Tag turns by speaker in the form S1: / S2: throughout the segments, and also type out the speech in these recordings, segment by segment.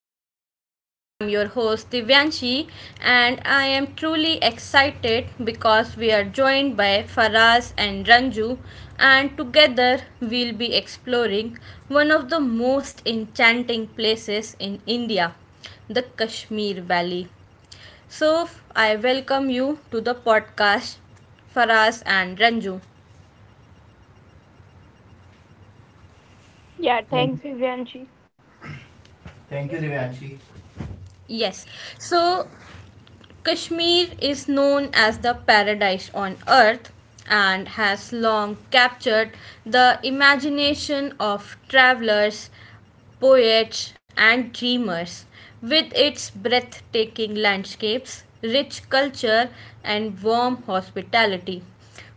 S1: episode. I'm your host Divyanshi and I am truly excited because we are joined by Faraz and Ranju and together we'll be exploring one of the most enchanting places in India, the Kashmir Valley. So I welcome you to the podcast, Faraz and Ranju.
S2: Yeah,
S1: Thank
S2: thanks, Divyanshi.
S1: thank you, Divyanshi. Yes. So Kashmir is known as the paradise on earth and has long captured the imagination of travelers, poets, and dreamers with its breathtaking landscapes, rich culture, and warm hospitality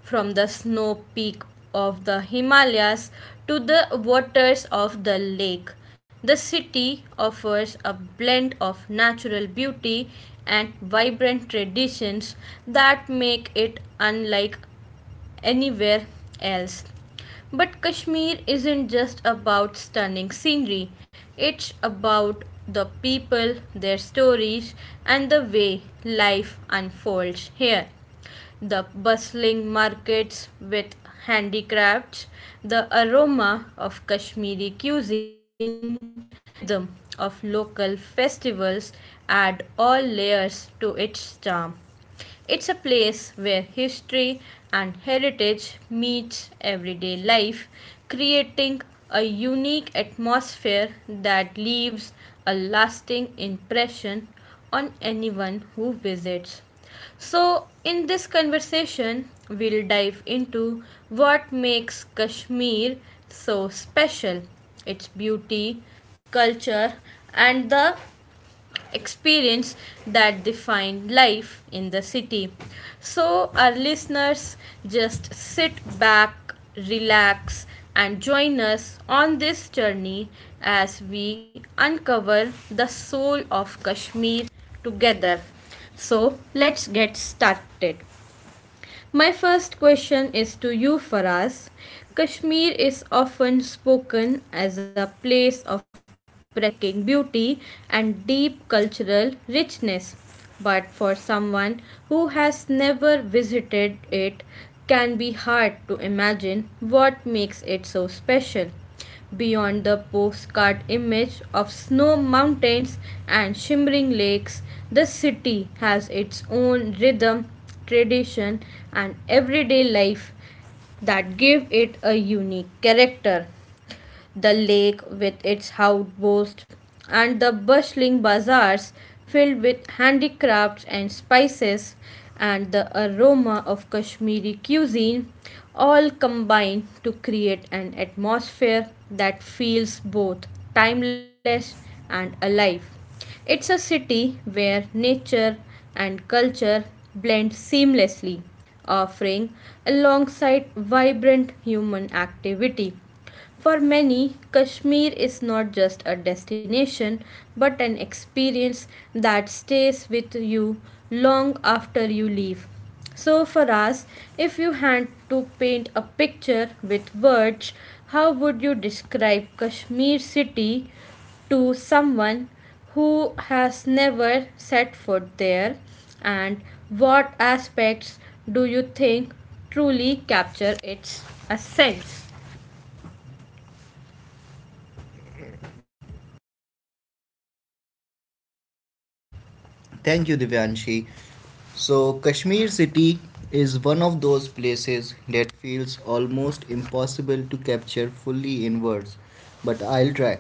S1: from the snow peak of the Himalayas to the waters of the lake. The city offers a blend of natural beauty and vibrant traditions that make it unlike anywhere else. But Kashmir isn't just about stunning scenery, it's about the people, their stories, and the way life unfolds here. The bustling markets with handicrafts, the aroma of Kashmiri cuisine, and the rhythm of local festivals add all layers to its charm. It's a place where history and heritage meets everyday life, creating a unique atmosphere that leaves a lasting impression on anyone who visits. So, in this conversation, we'll dive into what makes Kashmir so special, its beauty, culture, and the experience that define life in the city. So, our listeners just sit back, relax, and join us on this journey as we uncover the soul of Kashmir together. So, let's get started. My first question is to you, Faraz. Kashmir is often spoken as a place of breathtaking beauty and deep cultural richness. But for someone who has never visited it, can be hard to imagine what makes it so special. Beyond the postcard image of snow mountains and shimmering lakes, the city has its own rhythm, tradition, and everyday life that give it a unique character the lake with its outposts and the bustling bazaars filled with handicrafts and spices, and the aroma of Kashmiri cuisine all combine to create an atmosphere that feels both timeless and alive. It's a city where nature and culture blend seamlessly, offering alongside vibrant human activity. For many, Kashmir is not just a destination but an experience that stays with you long after you leave. So, for us, if you had to paint a picture with words, how would you describe Kashmir city to someone who has never set foot there? And what aspects do you think truly capture its essence? Thank you, Divyanshi. So, Kashmir city is one of those places that feels almost impossible to capture fully in words, but I'll try.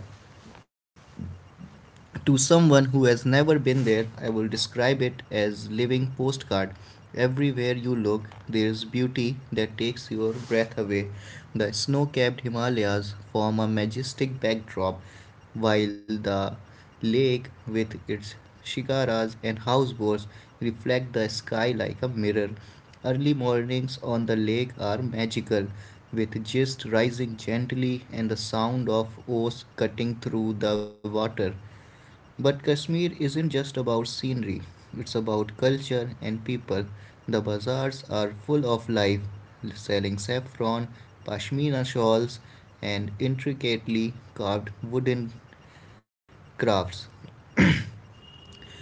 S1: To someone who has never been there, I will describe it as living postcard. Everywhere you look, there is beauty that takes your breath away. The snow-capped Himalayas form a majestic backdrop, while the lake with its shigaras and houseboats reflect the sky like a mirror. Early mornings on the lake are magical, with gist rising gently and the sound of oars cutting through the water. But Kashmir isn't just about scenery, it's about culture and people. The bazaars are full of life, selling saffron, pashmina shawls, and intricately carved wooden crafts.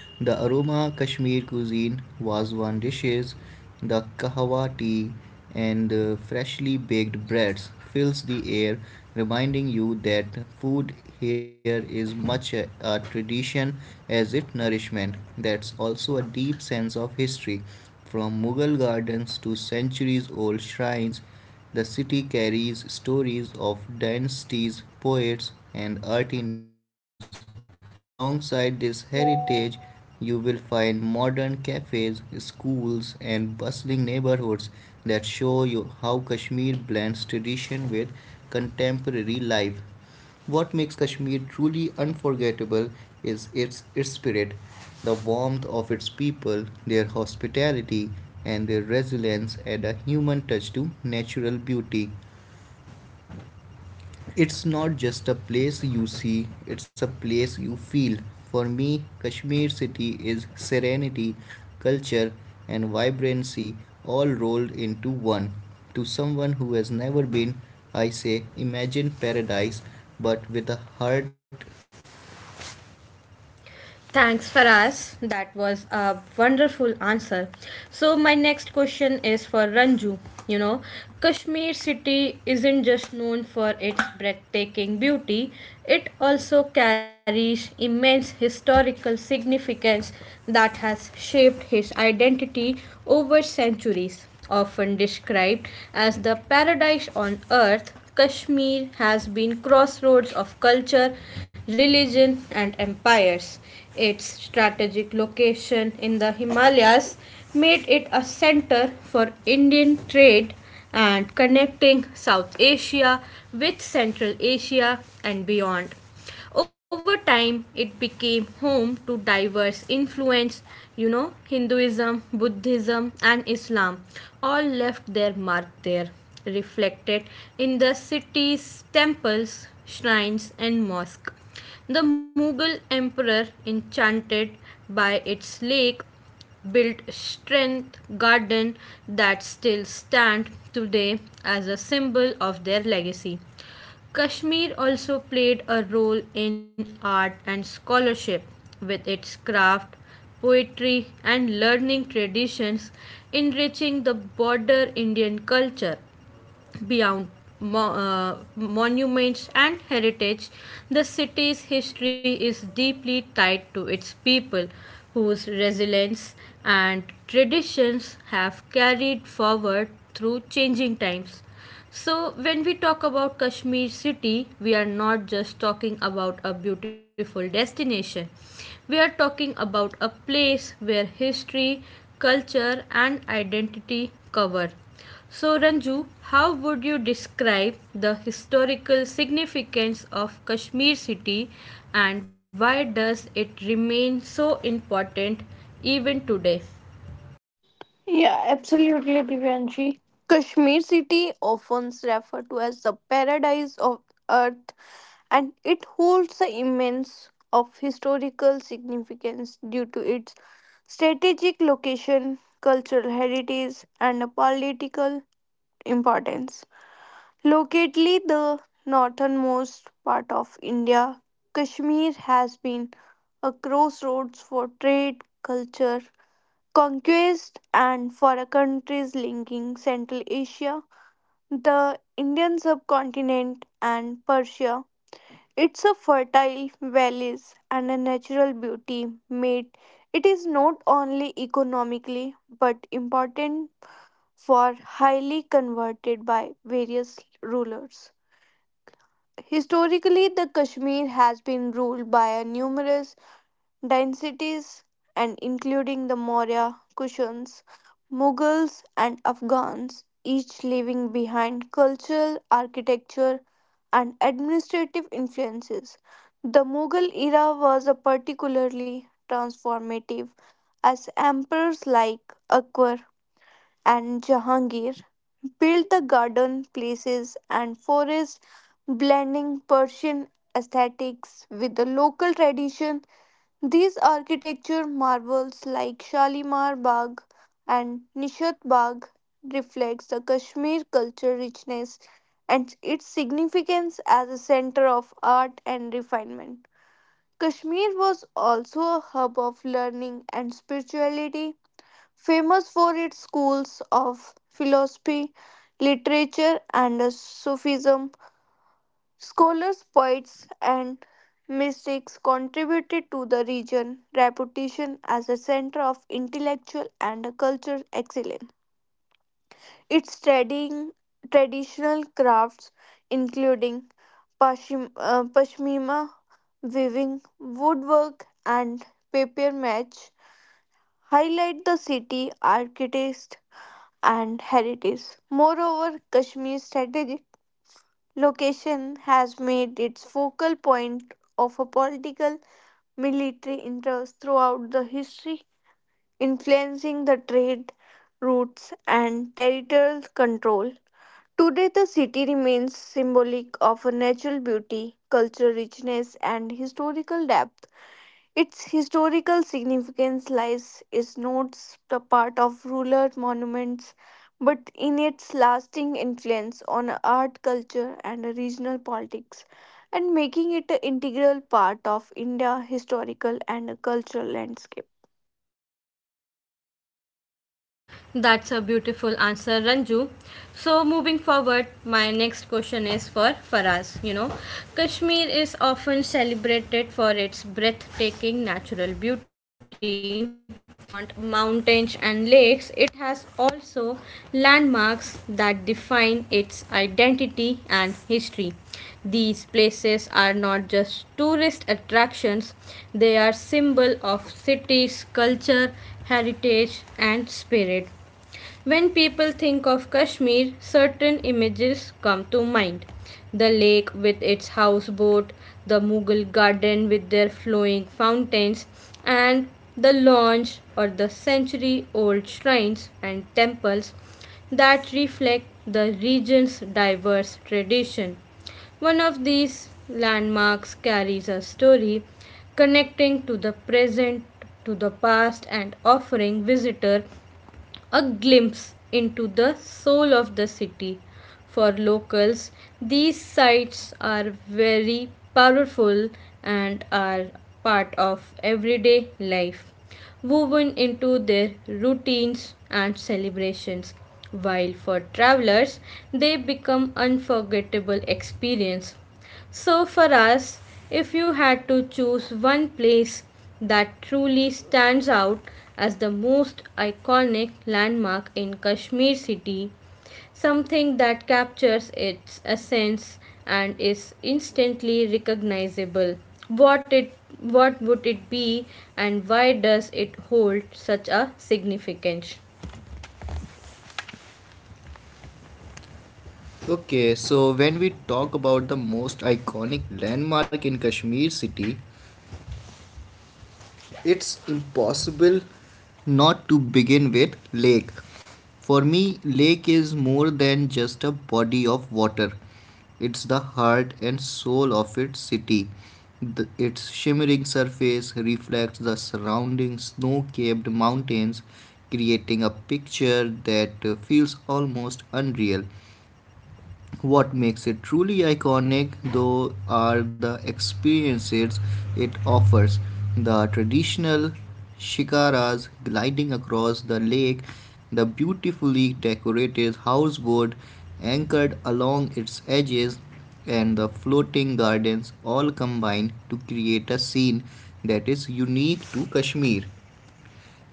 S1: The aroma Kashmir cuisine was one dishes. The kahwa tea and the freshly baked breads fills the air, reminding you that food here is much a tradition as it nourishment. That's also a deep sense of history. From Mughal gardens to centuries old shrines, the city carries stories of dynasties, poets, and artisans. Yet, alongside this heritage, you will find modern cafes, schools, and bustling neighborhoods that show you how Kashmir blends tradition with contemporary life. What makes Kashmir truly unforgettable is its spirit, the warmth of its people, their hospitality, and their resilience add a human touch to natural beauty it's not just a place you see, it's a place you feel. For me, Kashmir city is serenity, culture, and vibrancy all rolled into one. To someone who has never been, I say imagine paradise but with a heart. Thanks, Faraz. That was a wonderful answer. So, my next question is for Ranju. You know, Kashmir city isn't just known for its breathtaking beauty, it also carries immense historical significance that has shaped his identity over centuries. Often described as the paradise on earth, Kashmir has been crossroads of culture, religion, and empires. Its strategic location in the Himalayas made it a center for Indian trade and connecting South Asia with Central Asia and beyond. Over time, it became home to diverse influence, Hinduism, Buddhism, and Islam all left their mark there, reflected in the city's temples, shrines, and mosque. The Mughal emperor, enchanted by its lake, built strength garden that still stand today as a symbol of their legacy. Kashmir also played a role in art and scholarship with its craft, poetry, and learning traditions, enriching the border Indian culture beyond monuments and heritage, the city's history is deeply tied to its people, whose resilience and traditions have carried forward through changing times. So, when we talk about Kashmir city, we are not just talking about a beautiful destination. We are talking about a place where history, culture, and identity cover. So, Ranju, how would you describe the historical significance of Kashmir city and why does it remain so important even today?
S2: Yeah, absolutely, Divyanshi. Kashmir city, often referred to as the paradise of earth, and it holds the immense of historical significance due to its strategic location, cultural heritage, and a political importance. Locately the northernmost part of India, Kashmir has been a crossroads for trade, culture, conquest and for a countries linking Central Asia, the Indian subcontinent and Persia. It's a fertile valleys and a natural beauty made it is not only economically but important for highly converted by various rulers. Historically, the Kashmir has been ruled by a numerous densities and including the Maurya, Kushans, Mughals, and Afghans, each leaving behind cultural, architecture, and administrative influences. The Mughal era was a particularly transformative as emperors like Akbar and Jahangir built the garden places and forests, blending Persian aesthetics with the local tradition these architecture marvels like Shalimar Bagh and Nishat Bagh reflects the Kashmir culture richness and its significance as a center of art and refinement. Kashmir was also a hub of learning and spirituality, famous for its schools of philosophy, literature, and Sufism Scholars, poets, and mystics contributed to the region's reputation as a center of intellectual and cultural excellence. Its trading, traditional crafts, including pashmina weaving, woodwork, and paper match, highlight the city architect and heritage. Moreover, Kashmir's strategic location has made its focal point of a political military interests throughout the history, influencing the trade routes and territorial control. Today, the city remains symbolic of a natural beauty, cultural richness, and historical depth. Its historical significance lies is not the part of ruler monuments, but in its lasting influence on art, culture, and regional politics, and making it an integral part of India's historical and cultural landscape.
S1: That's a beautiful answer, Ranju. So, moving forward, my next question is for Faraz. Kashmir is often celebrated for its breathtaking natural beauty, but beyond mountains and lakes, it has also landmarks that define its identity and history. These places are not just tourist attractions, they are symbol of cities, culture, heritage and spirit. When people think of Kashmir, certain images come to mind. The lake with its houseboat, the Mughal garden with their flowing fountains, and the launch or the century old shrines and temples that reflect the region's diverse tradition. One of these landmarks carries a story connecting to the present to the past and offering visitor a glimpse into the soul of the city. For locals, these sites are very powerful and are part of everyday life, woven into their routines and celebrations. While for travelers, they become unforgettable experience so, for us, if you had to choose one place that truly stands out as the most iconic landmark in Kashmir city, something that captures its essence and is instantly recognizable, what it what would it be and why does it hold such a significance? Okay, so when we talk about the most iconic landmark in Kashmir city, it's impossible not to begin with lake for me lake is more than just a body of water it's the heart and soul of its city the, its shimmering surface reflects the surrounding snow-capped mountains creating a picture that feels almost unreal what makes it truly iconic, though, are the experiences it offers. The traditional shikaras gliding across the lake, the beautifully decorated houseboat anchored along its edges, and the floating gardens all combine to create a scene that is unique to Kashmir.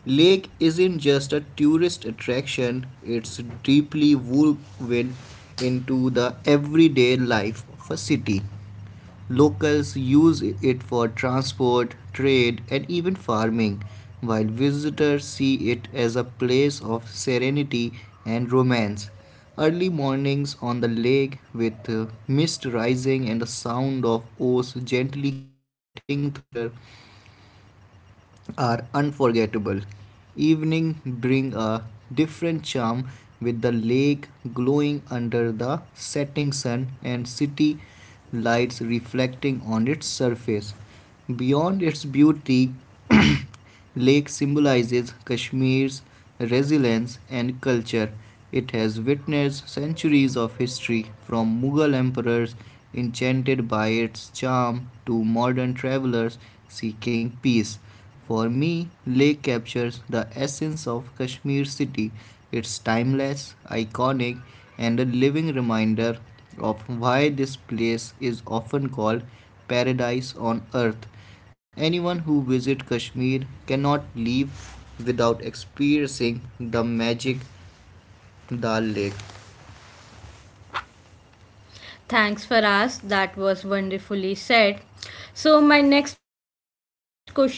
S1: Lake isn't just a tourist attraction, it's deeply woven into the everyday life of a city. Locals use it for transport, trade, and even farming, while visitors see it as a place of serenity and romance. Early mornings on the lake, with mist rising and the sound of oars gently cutting through water, are unforgettable. Evening bring a different charm with the lake glowing under the setting sun and city lights reflecting on its surface. Beyond its beauty, lake symbolizes Kashmir's resilience and culture. It has witnessed centuries of history from Mughal emperors enchanted by its charm to modern travelers seeking peace. For me, lake captures the essence of Kashmir city. It's timeless, iconic, and a living reminder of why this place is often called paradise on earth. Anyone who visits Kashmir cannot leave without experiencing the magic Dal Lake. Thanks for us. That was wonderfully said. So my next question is to Ranju.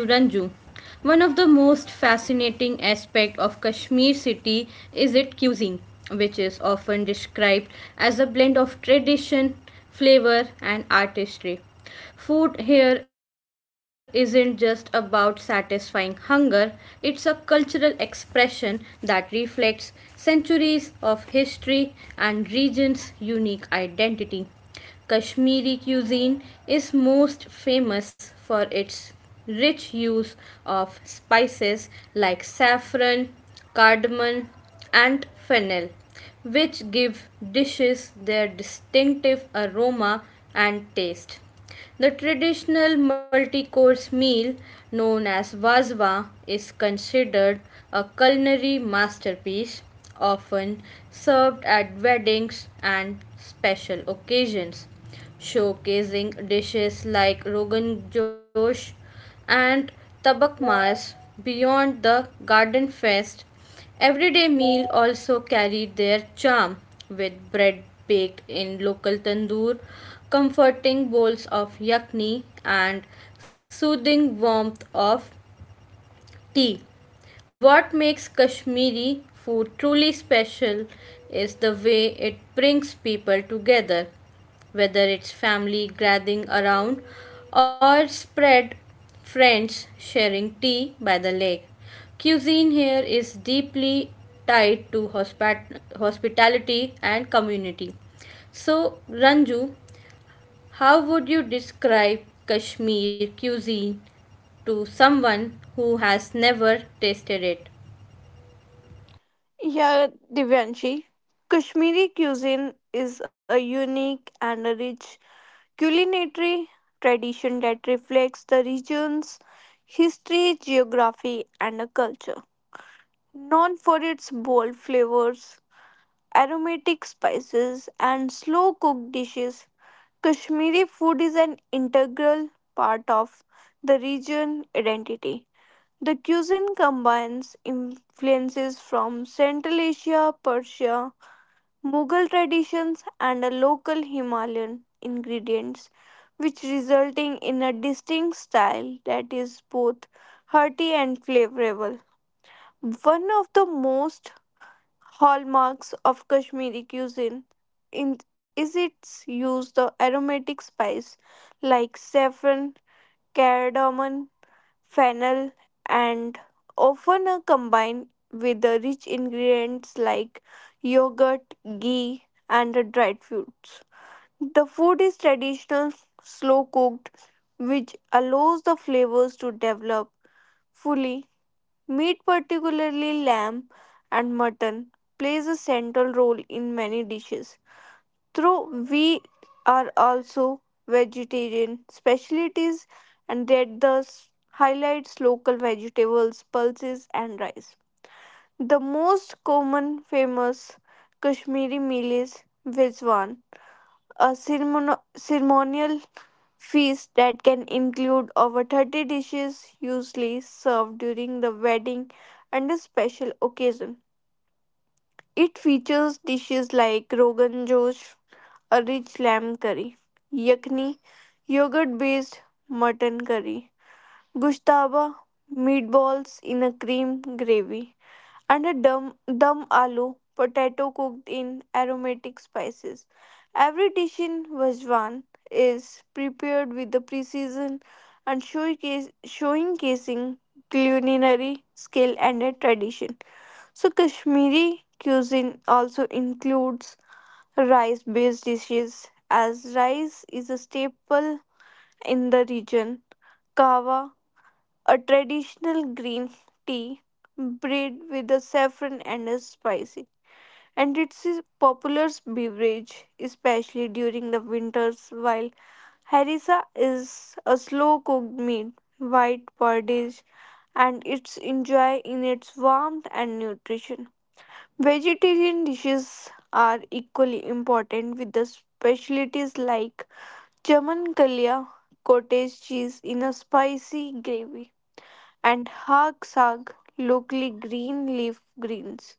S1: One of the most fascinating aspect of Kashmir city is its cuisine, which is often described as a blend of tradition, flavor and artistry. Food here isn't just about satisfying hunger, it's a cultural expression that reflects centuries of history and region's unique identity. Kashmiri cuisine is most famous for its rich use of spices like saffron, cardamom, and fennel, which give dishes their distinctive aroma and taste. The traditional multi course meal known as vazwa is considered a culinary masterpiece often served at weddings and special occasions, showcasing dishes like Rogan Josh and Tabak Mas beyond the garden fest. Everyday meal also carried their charm with bread baked in local tandoor, comforting bowls of yakni and soothing warmth of tea. What makes Kashmiri food truly special is the way it brings people together, whether it's family gathering around or spread friends sharing tea by the lake. Cuisine here is deeply tied to hospitality and community. So, Ranju, how would you describe Kashmir cuisine to someone who has never tasted it?
S2: Yeah, Divyanshi, Kashmiri cuisine is a unique and a rich culinary tradition that reflects the region's history, geography, and culture. Known for its bold flavors, aromatic spices, and slow cooked dishes. Kashmiri food is an integral part of the region identity. The cuisine combines influences from Central Asia, Persia, Mughal traditions, and a local Himalayan ingredients, which resulting in a distinct style that is both hearty and flavorful. One of the most Hallmarks of Kashmiri cuisine in, is its use of aromatic spice like saffron, cardamom, fennel, and often are combined with the rich ingredients like yogurt, ghee, and the dried fruits. The food is traditional, slow cooked, which allows the flavors to develop fully Meat, particularly lamb and mutton, plays a central role in many dishes. Though we are also vegetarian specialties and that thus highlights local vegetables, pulses and rice. The most common famous Kashmiri meal is Vizwan, a ceremonial Feast that can include over 30 dishes, usually served during the wedding and a special occasion. It features dishes like rogan josh, a rich lamb curry, yakni, yogurt based mutton curry, gushtaba, meatballs in a cream gravy and a dum aloo, potato cooked in aromatic spices. Every dish in Vajwan is prepared with the precision and showcasing culinary skill and a tradition. So, Kashmiri cuisine also includes rice based dishes, as rice is a staple in the region. Kawa, a traditional green tea, bread with a saffron and a spices and it's a popular beverage, especially during the winters. While harissa is a slow cooked meat, white porridge, and it's enjoy in its warmth and nutrition. Vegetarian dishes are equally important with the specialties like chaman kalya, cottage cheese in a spicy gravy, and hag saag locally green leaf greens.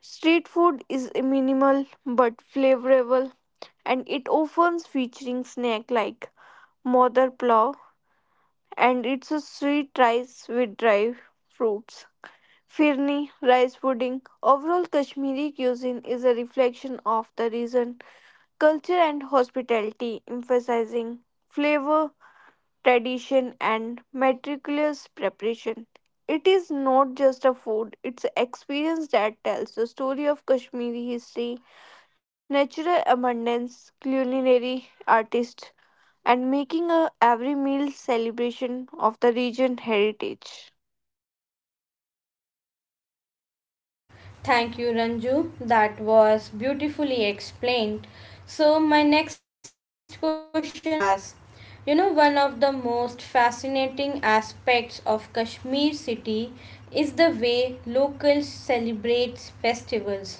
S2: Street food is minimal but flavorful and it often featuring snack like modar plow and it's a sweet rice with dry fruits. Firni, rice pudding. Overall, Kashmiri cuisine is a reflection of the region, culture, and hospitality, emphasizing flavor, tradition, and meticulous preparation. It is not just a food, it's an experience that tells the story of Kashmiri history natural abundance, culinary artists, and making a every meal celebration of the region heritage.
S1: Thank you, Ranju. That was beautifully explained. So, my next question is to Faraz. One of the most fascinating aspects of Kashmir city is the way locals celebrate festivals.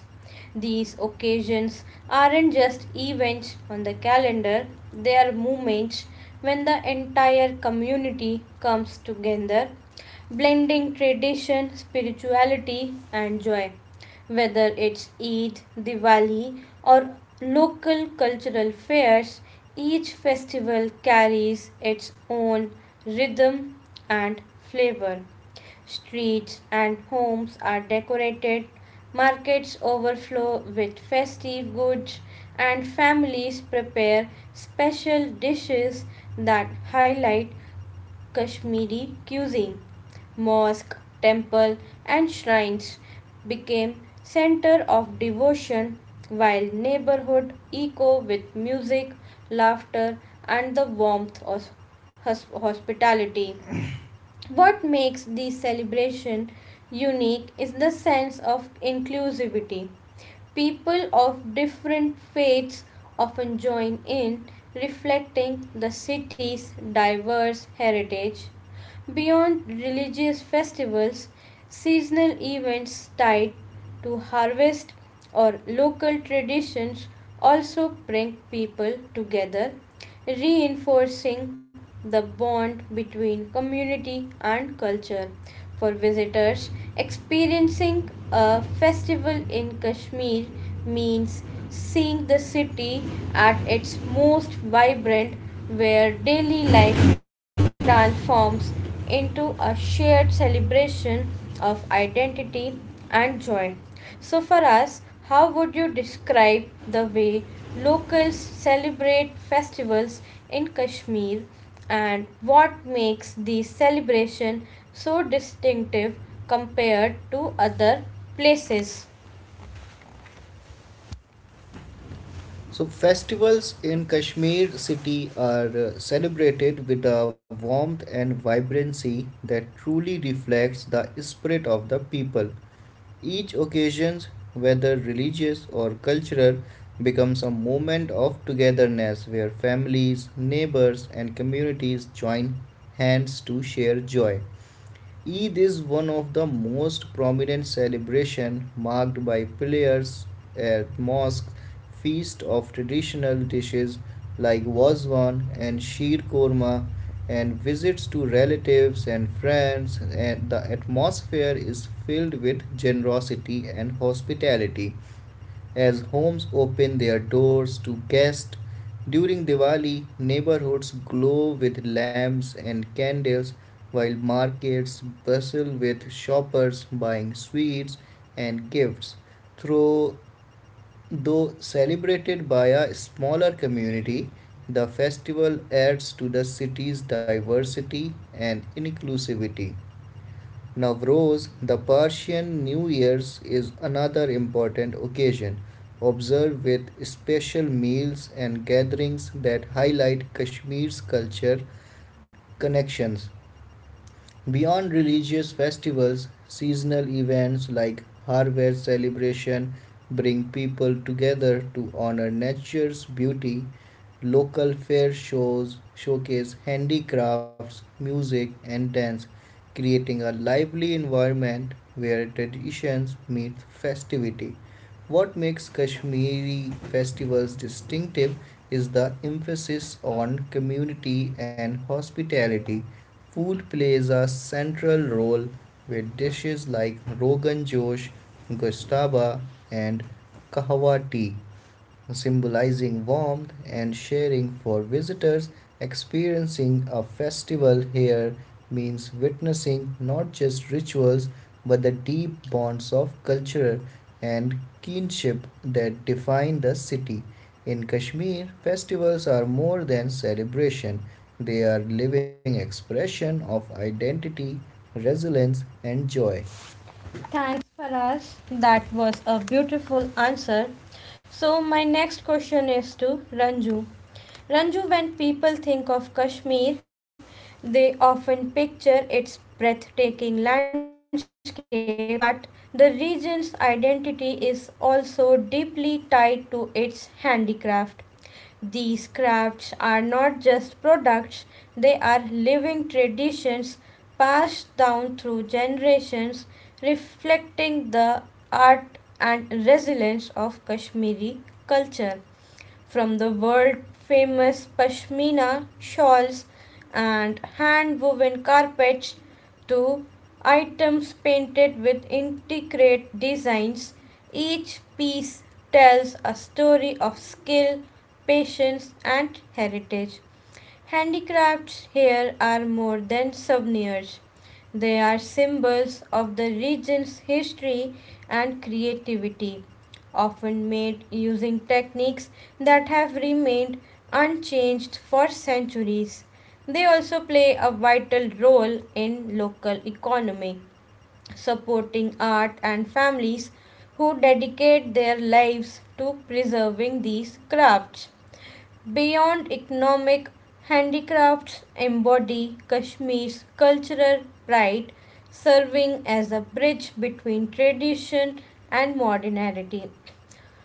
S1: These occasions aren't just events on the calendar, they are moments when the entire community comes together blending tradition, spirituality, and joy. Whether it's Eid, Diwali, or local cultural fairs, each festival carries its own rhythm and flavor. Streets and homes are decorated, markets overflow with festive goods, and families prepare special dishes that highlight Kashmiri cuisine. Mosque, temple and shrines became center of devotion while neighborhood echo with music, laughter and the warmth of hospitality. What makes these celebration unique is the sense of inclusivity. People of different faiths often join in reflecting the city's diverse heritage. Beyond religious festivals, seasonal events tied to harvest or local traditions also bring people together, reinforcing the bond between community and culture. For visitors, experiencing a festival in Kashmir means seeing the city at its most vibrant, where daily life transforms into a shared celebration of identity and joy. So, for us, how would you describe the way locals celebrate festivals in Kashmir and what makes these celebrations so distinctive compared to other places? So, festivals in Kashmir city are celebrated with a warmth and vibrancy that truly reflects the spirit of the people. Each occasion, whether religious or cultural, becomes a moment of togetherness where families, neighbors, and communities join hands to share joy. Eid is one of the most prominent celebrations, marked by prayers at mosques, feast of traditional dishes like wazwan and sheer korma, and visits to relatives and friends. And the atmosphere is filled with generosity and hospitality. As homes open their doors to guests during Diwali, neighborhoods glow with lamps and candles while markets bustle with shoppers buying sweets and gifts. Through, though celebrated by a smaller community, the festival adds to the city's diversity and inclusivity. Nowruz, the Persian New Year's, is another important occasion, observed with special meals and gatherings that highlight Kashmir's culture connections. Beyond religious festivals, seasonal events like harvest celebration bring people together to honor nature's beauty. Local fair shows showcase handicrafts, music, and dance, creating a lively environment where traditions meet festivity. What makes Kashmiri festivals distinctive is the emphasis on community and hospitality. Food plays a central role with dishes like Rogan Josh, Gustaba, and Kahwa tea symbolizing warmth and sharing for visitors. Experiencing a festival here means witnessing not just rituals but the deep bonds of culture and kinship that define the city. In Kashmir, festivals are more than celebration, they are living expression of identity, resilience, and joy. Thanks, Faraz. That was a beautiful answer. So, my next question is to Ranju. Ranju, when people think of Kashmir, they often picture its breathtaking landscapes, but the region's identity is also deeply tied to its handicraft. These crafts are not just products, they are living traditions passed down through generations, reflecting the art and resilience of Kashmiri culture from the world famous pashmina shawls and hand woven carpets to items painted with intricate designs. Each piece tells a story of skill, patience, and heritage. Handicrafts here are more than souvenirs. They are symbols of the region's history and creativity often made using techniques that have remained unchanged for centuries. They also play a vital role in local economy, supporting art and families who dedicate their lives to preserving these crafts. Beyond economic, handicrafts embody Kashmir's cultural pride, serving as a bridge between tradition and modernity.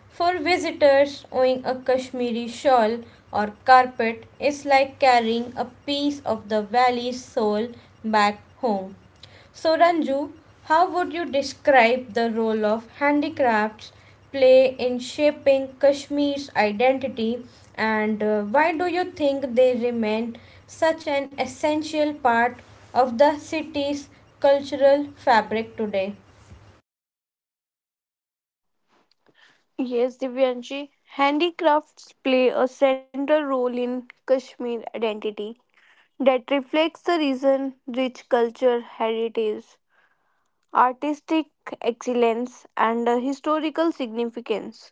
S1: For visitors, owning a Kashmiri shawl or carpet is like carrying a piece of the valley's soul back home. So, Ranju, how would you describe the role of handicrafts play in shaping Kashmir's identity and why do you think they remain such an essential part of the city's cultural fabric today?
S2: Yes, Divyanshi, handicrafts play a central role in Kashmir identity that reflects the region's rich culture heritage artistic excellence, and historical significance.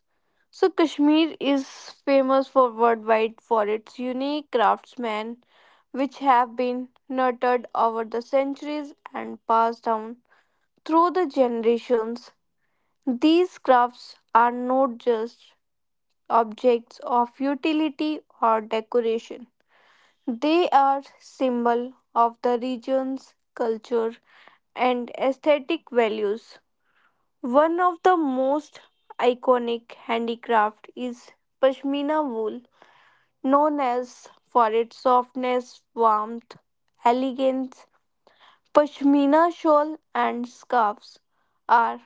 S2: So, Kashmir is famous for worldwide for its unique craftsmen, which have been nurtured over the centuries and passed down through the generations. These crafts are not just objects of utility or decoration, they are symbol of the region's culture and aesthetic values. One of the most iconic handicraft is pashmina wool, known as for its softness, warmth, elegance. Pashmina shawl and scarves are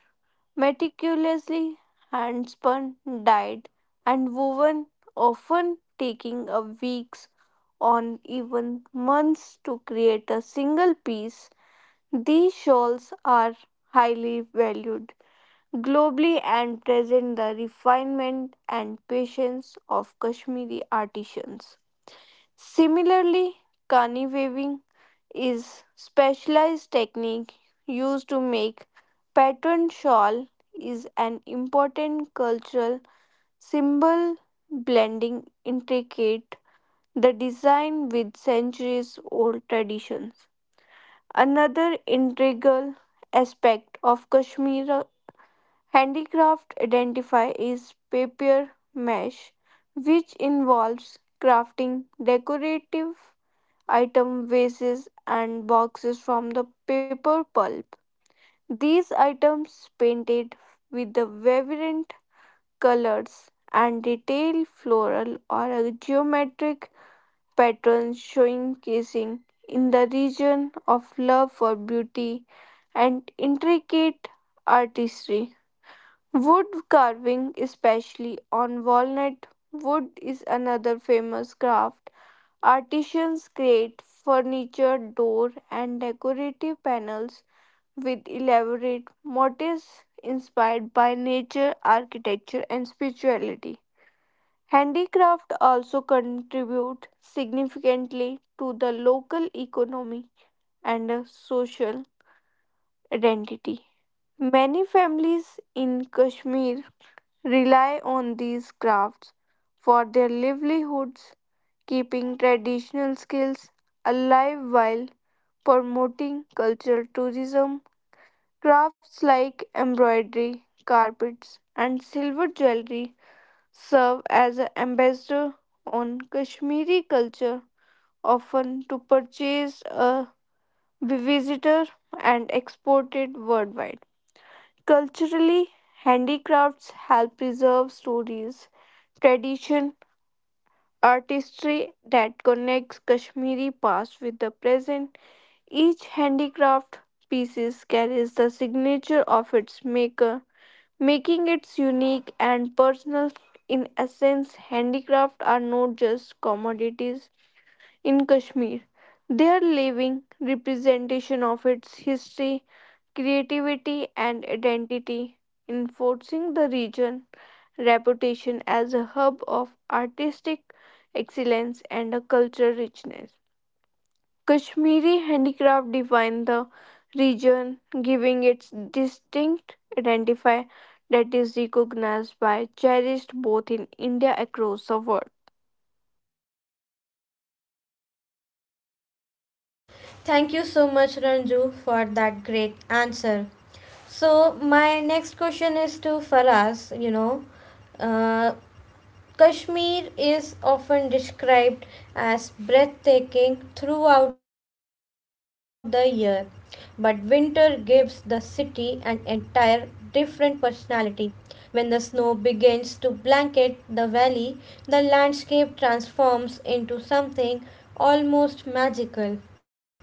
S2: meticulously handspun, dyed, and woven, often taking a weeks on even months to create a single piece. These shawls are highly valued globally and present the refinement and patience of Kashmiri artisans. Similarly, kani weaving is specialized technique used to make pattern shawl is an important cultural symbol blending intricate the design with centuries old traditions. Another integral aspect of Kashmir Handicraft identify is paper mâché, which involves crafting decorative item vases, and boxes from the paper pulp. These items, painted with the vibrant colors and detailed floral or a geometric patterns, showcasing in the region of love for beauty and intricate artistry. Wood carving, especially on walnut wood, is another famous craft. Artisans create furniture, door, and decorative panels with elaborate motifs inspired by nature, architecture, and spirituality. Handicraft also contribute significantly to the local economy and social identity. Many families in Kashmir rely on these crafts for their livelihoods, keeping traditional skills alive while promoting cultural tourism. Crafts like embroidery, carpets, and silver jewelry serve as an ambassador on Kashmiri culture, often to purchase a visitor and exported worldwide. Culturally, handicrafts help preserve stories, tradition, artistry that connects Kashmiri past with the present. Each handicraft piece carries the signature of its maker, making it unique and personal. In essence, handicraft are not just commodities in Kashmir. They are living representation of its history, creativity and identity, enforcing the region reputation as a hub of artistic excellence and a cultural richness. Kashmiri handicraft define the region, giving its distinct identifier that is recognized by cherished both in India across the world.
S1: Thank you so much, Ranju, for that great answer. So, my next question is to Faraz. Uh, Kashmir is often described as breathtaking throughout the year, but winter gives the city an entire different personality. When the snow begins to blanket the valley, the landscape transforms into something almost magical.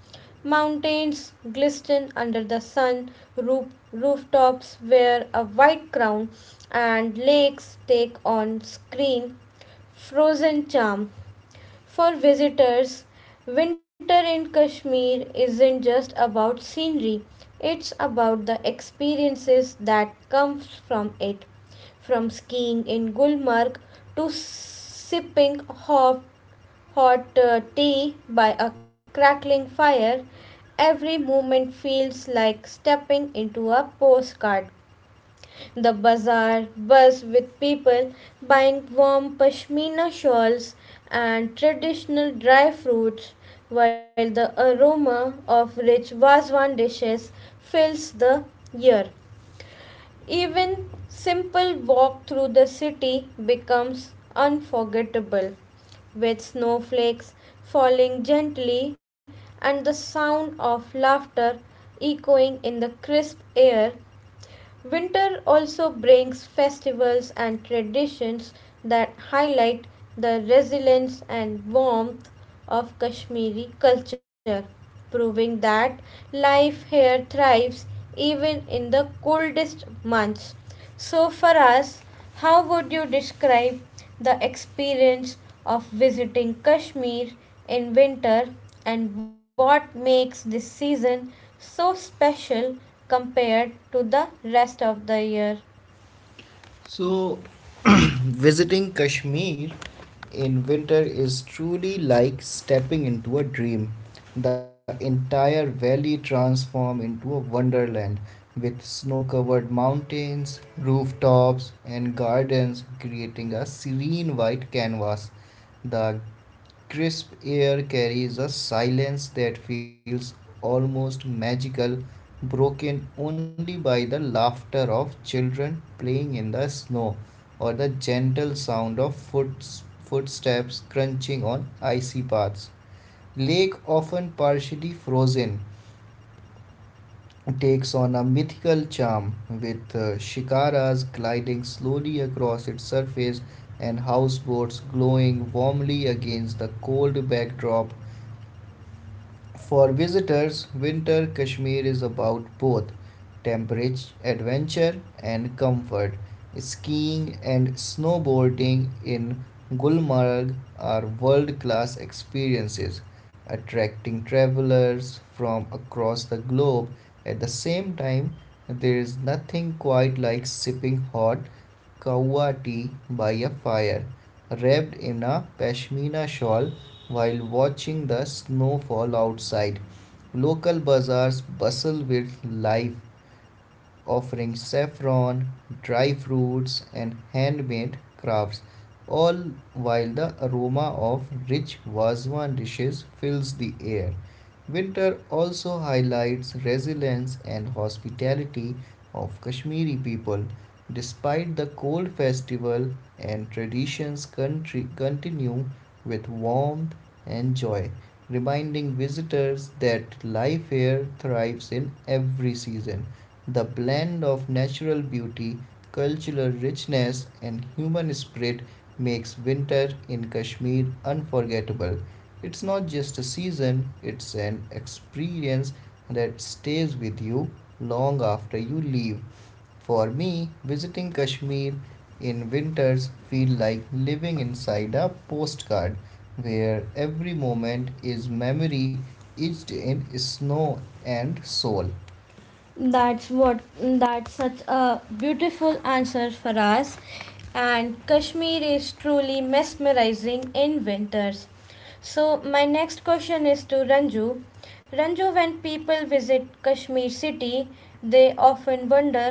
S1: Mountains glisten under the sun, roof, rooftops wear a white crown, and lakes take on screen frozen charm. For visitors, winter in Kashmir isn't just about scenery, it's about the experiences that come from it. From skiing in Gulmarg to sipping hot tea by a crackling fire, every movement feels like stepping into a postcard. The bazaar buzz with people buying warm pashmina shawls and traditional dry fruits, while the aroma of rich Vazwan dishes fills the air. Even simple walk through the city becomes unforgettable with snowflakes falling gently and the sound of laughter echoing in the crisp air. Winter also brings festivals and traditions that highlight the resilience and warmth of Kashmiri culture, proving that life here thrives even in the coldest months. So, for us, how would you describe the experience of visiting Kashmir in winter and what makes this season so special compared to the rest of the year? So, visiting Kashmir in winter is truly like stepping into a dream. The entire valley transforms into a wonderland with snow covered mountains, rooftops, and gardens creating a serene white canvas. The crisp air carries a silence that feels almost magical, broken only by the laughter of children playing in the snow or the gentle sound of footsteps crunching on icy paths. Lake, often partially frozen, takes on a mythical charm with shikaras gliding slowly across its surface and houseboats glowing warmly against the cold backdrop. For visitors, winter Kashmir is about both temperate adventure and comfort. Skiing and snowboarding in Gulmarg are world class experiences, attracting travelers from across the globe. At the same time, there is nothing quite like sipping hot kawa tea by a fire, wrapped in a pashmina shawl while watching the snowfall outside. Local bazaars bustle with life offering saffron, dry fruits, and handmade crafts, all while the aroma of rich Vazwan dishes fills the air. Winter also highlights resilience and hospitality of Kashmiri people. Despite the cold festival and traditions country continue with warmth and joy, reminding visitors that life here thrives in every season. The blend of natural beauty, cultural richness, and human spirit makes winter in Kashmir unforgettable. It's not just a season, it's an experience that stays with you long after you leave. For me, visiting Kashmir in winters feel like living inside a postcard where every moment is memory etched in snow and soul. That's such a beautiful answer for us and Kashmir is truly mesmerizing in winters. So, my next question is to Ranju. Ranju, when people visit Kashmir city, they often wonder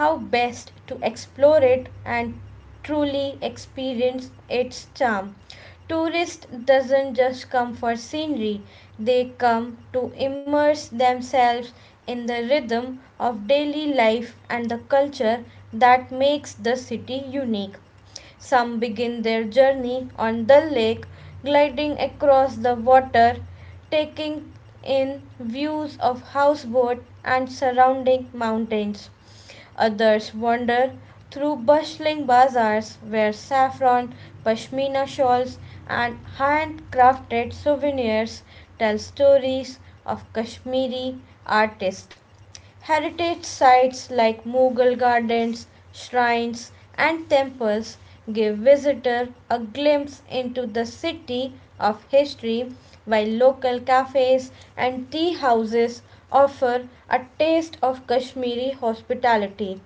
S1: how best to explore it and truly experience its charm. Tourists doesn't just come for scenery, they come to immerse themselves in the rhythm of daily life and the culture that makes the city unique. Some begin their journey on the lake, gliding across the water, taking in views of houseboat and surrounding mountains. Others wander through bustling bazaars where saffron, pashmina shawls, and handcrafted souvenirs tell stories of Kashmiri artists. Heritage sites like Mughal gardens, shrines, and temples give visitors a glimpse into the city of history, while local cafes and tea houses offer a taste of Kashmiri hospitality.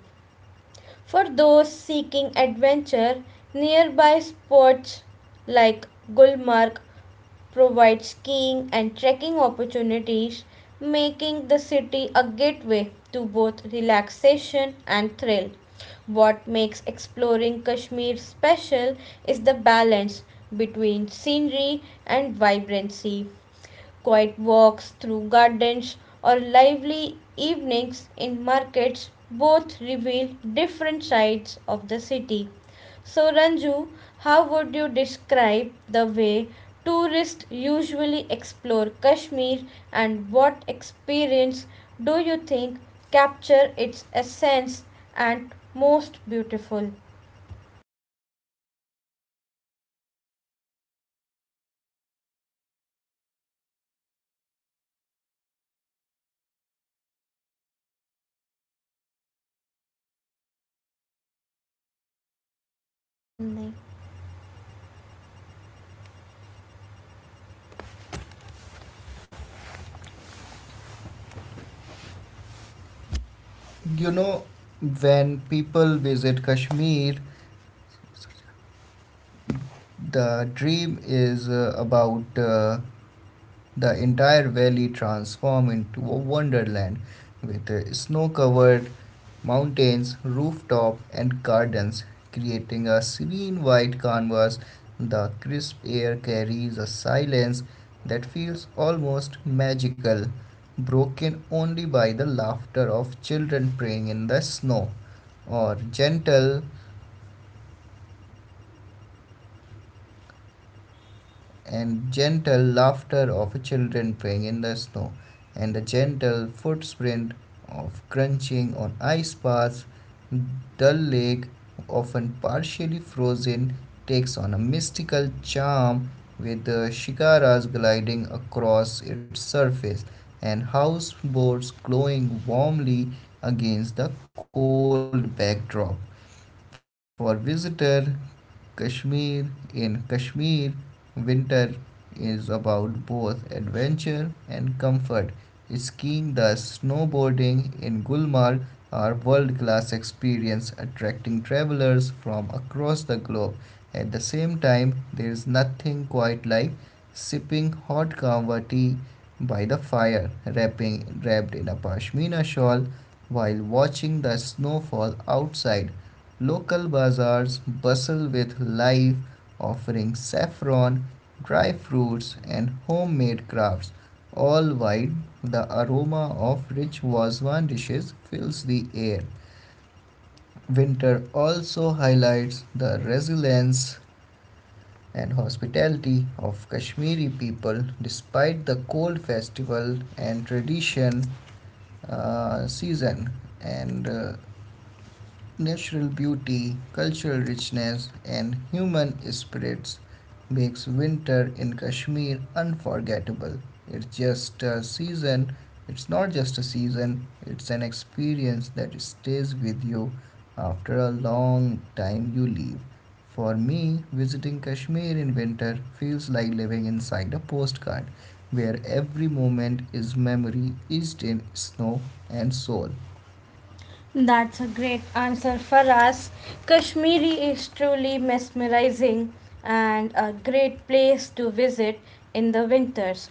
S1: For those seeking adventure, nearby spots like Gulmarg provides skiing and trekking opportunities, making the city a gateway to both relaxation and thrill. What makes exploring Kashmir special is the balance between scenery and vibrancy. Quiet walks through gardens or lively evenings in markets both reveal different sides of the city. So, Ranju, how would you describe the way tourists usually explore Kashmir and what experience do you think capture its essence and most beautiful? You know, when people visit Kashmir, the dream is about the entire valley transformed into a wonderland with snow covered mountains, rooftop, and gardens, creating a serene white canvas. The crisp air carries a silence that feels almost magical, broken only by the laughter of children playing in the snow or gentle laughter of children playing in the snow, and the gentle footprint of crunching on ice paths. The lake, often partially frozen, takes on a mystical charm with the shikaras gliding across its surface and houseboats glowing warmly against the cold backdrop. For visitors, Kashmir. In Kashmir, winter is about both adventure and comfort. Skiing, the snowboarding in Gulmarg are world-class experience attracting travelers from across the globe. At the same time, there is nothing quite like sipping hot kahwa tea by the fire, wrapping wrapped in a pashmina shawl while watching the snowfall outside. Local bazaars bustle with life, offering saffron, dry fruits, and homemade crafts, all while the aroma of rich Wazwan dishes fills the air. Winter also highlights the resilience and hospitality of Kashmiri people despite the cold festival and tradition season and natural beauty, cultural richness, and human spirits makes winter in Kashmir unforgettable. It's just a season, it's not just a season, it's an experience that stays with you after a long time you leave. For me, visiting Kashmir in winter feels like living inside a postcard where every moment is memory, each in snow and soul. That's a great answer Faraz. Kashmiri is truly mesmerizing and a great place to visit in the winters.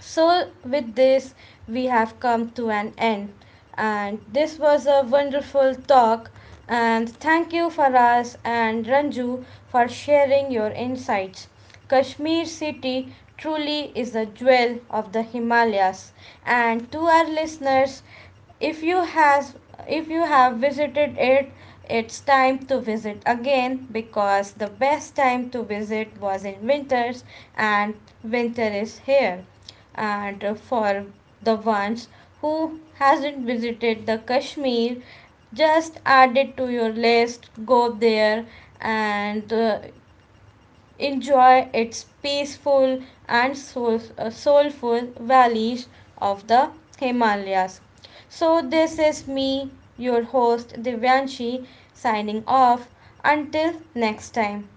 S1: So, with this, we have come to an end. And this was a wonderful talk. And thank you, Faraz and Ranju, for sharing your insights. Kashmir city truly is a jewel of the Himalayas. And to our listeners, if you has if you have visited it, it's time to visit again because the best time to visit was in winters and winter is here and for the ones who hasn't visited the Kashmir, just add it to your list, go there and enjoy its peaceful and soulful valleys of the Himalayas. So this is me, your host Divyanshi, signing off until next time.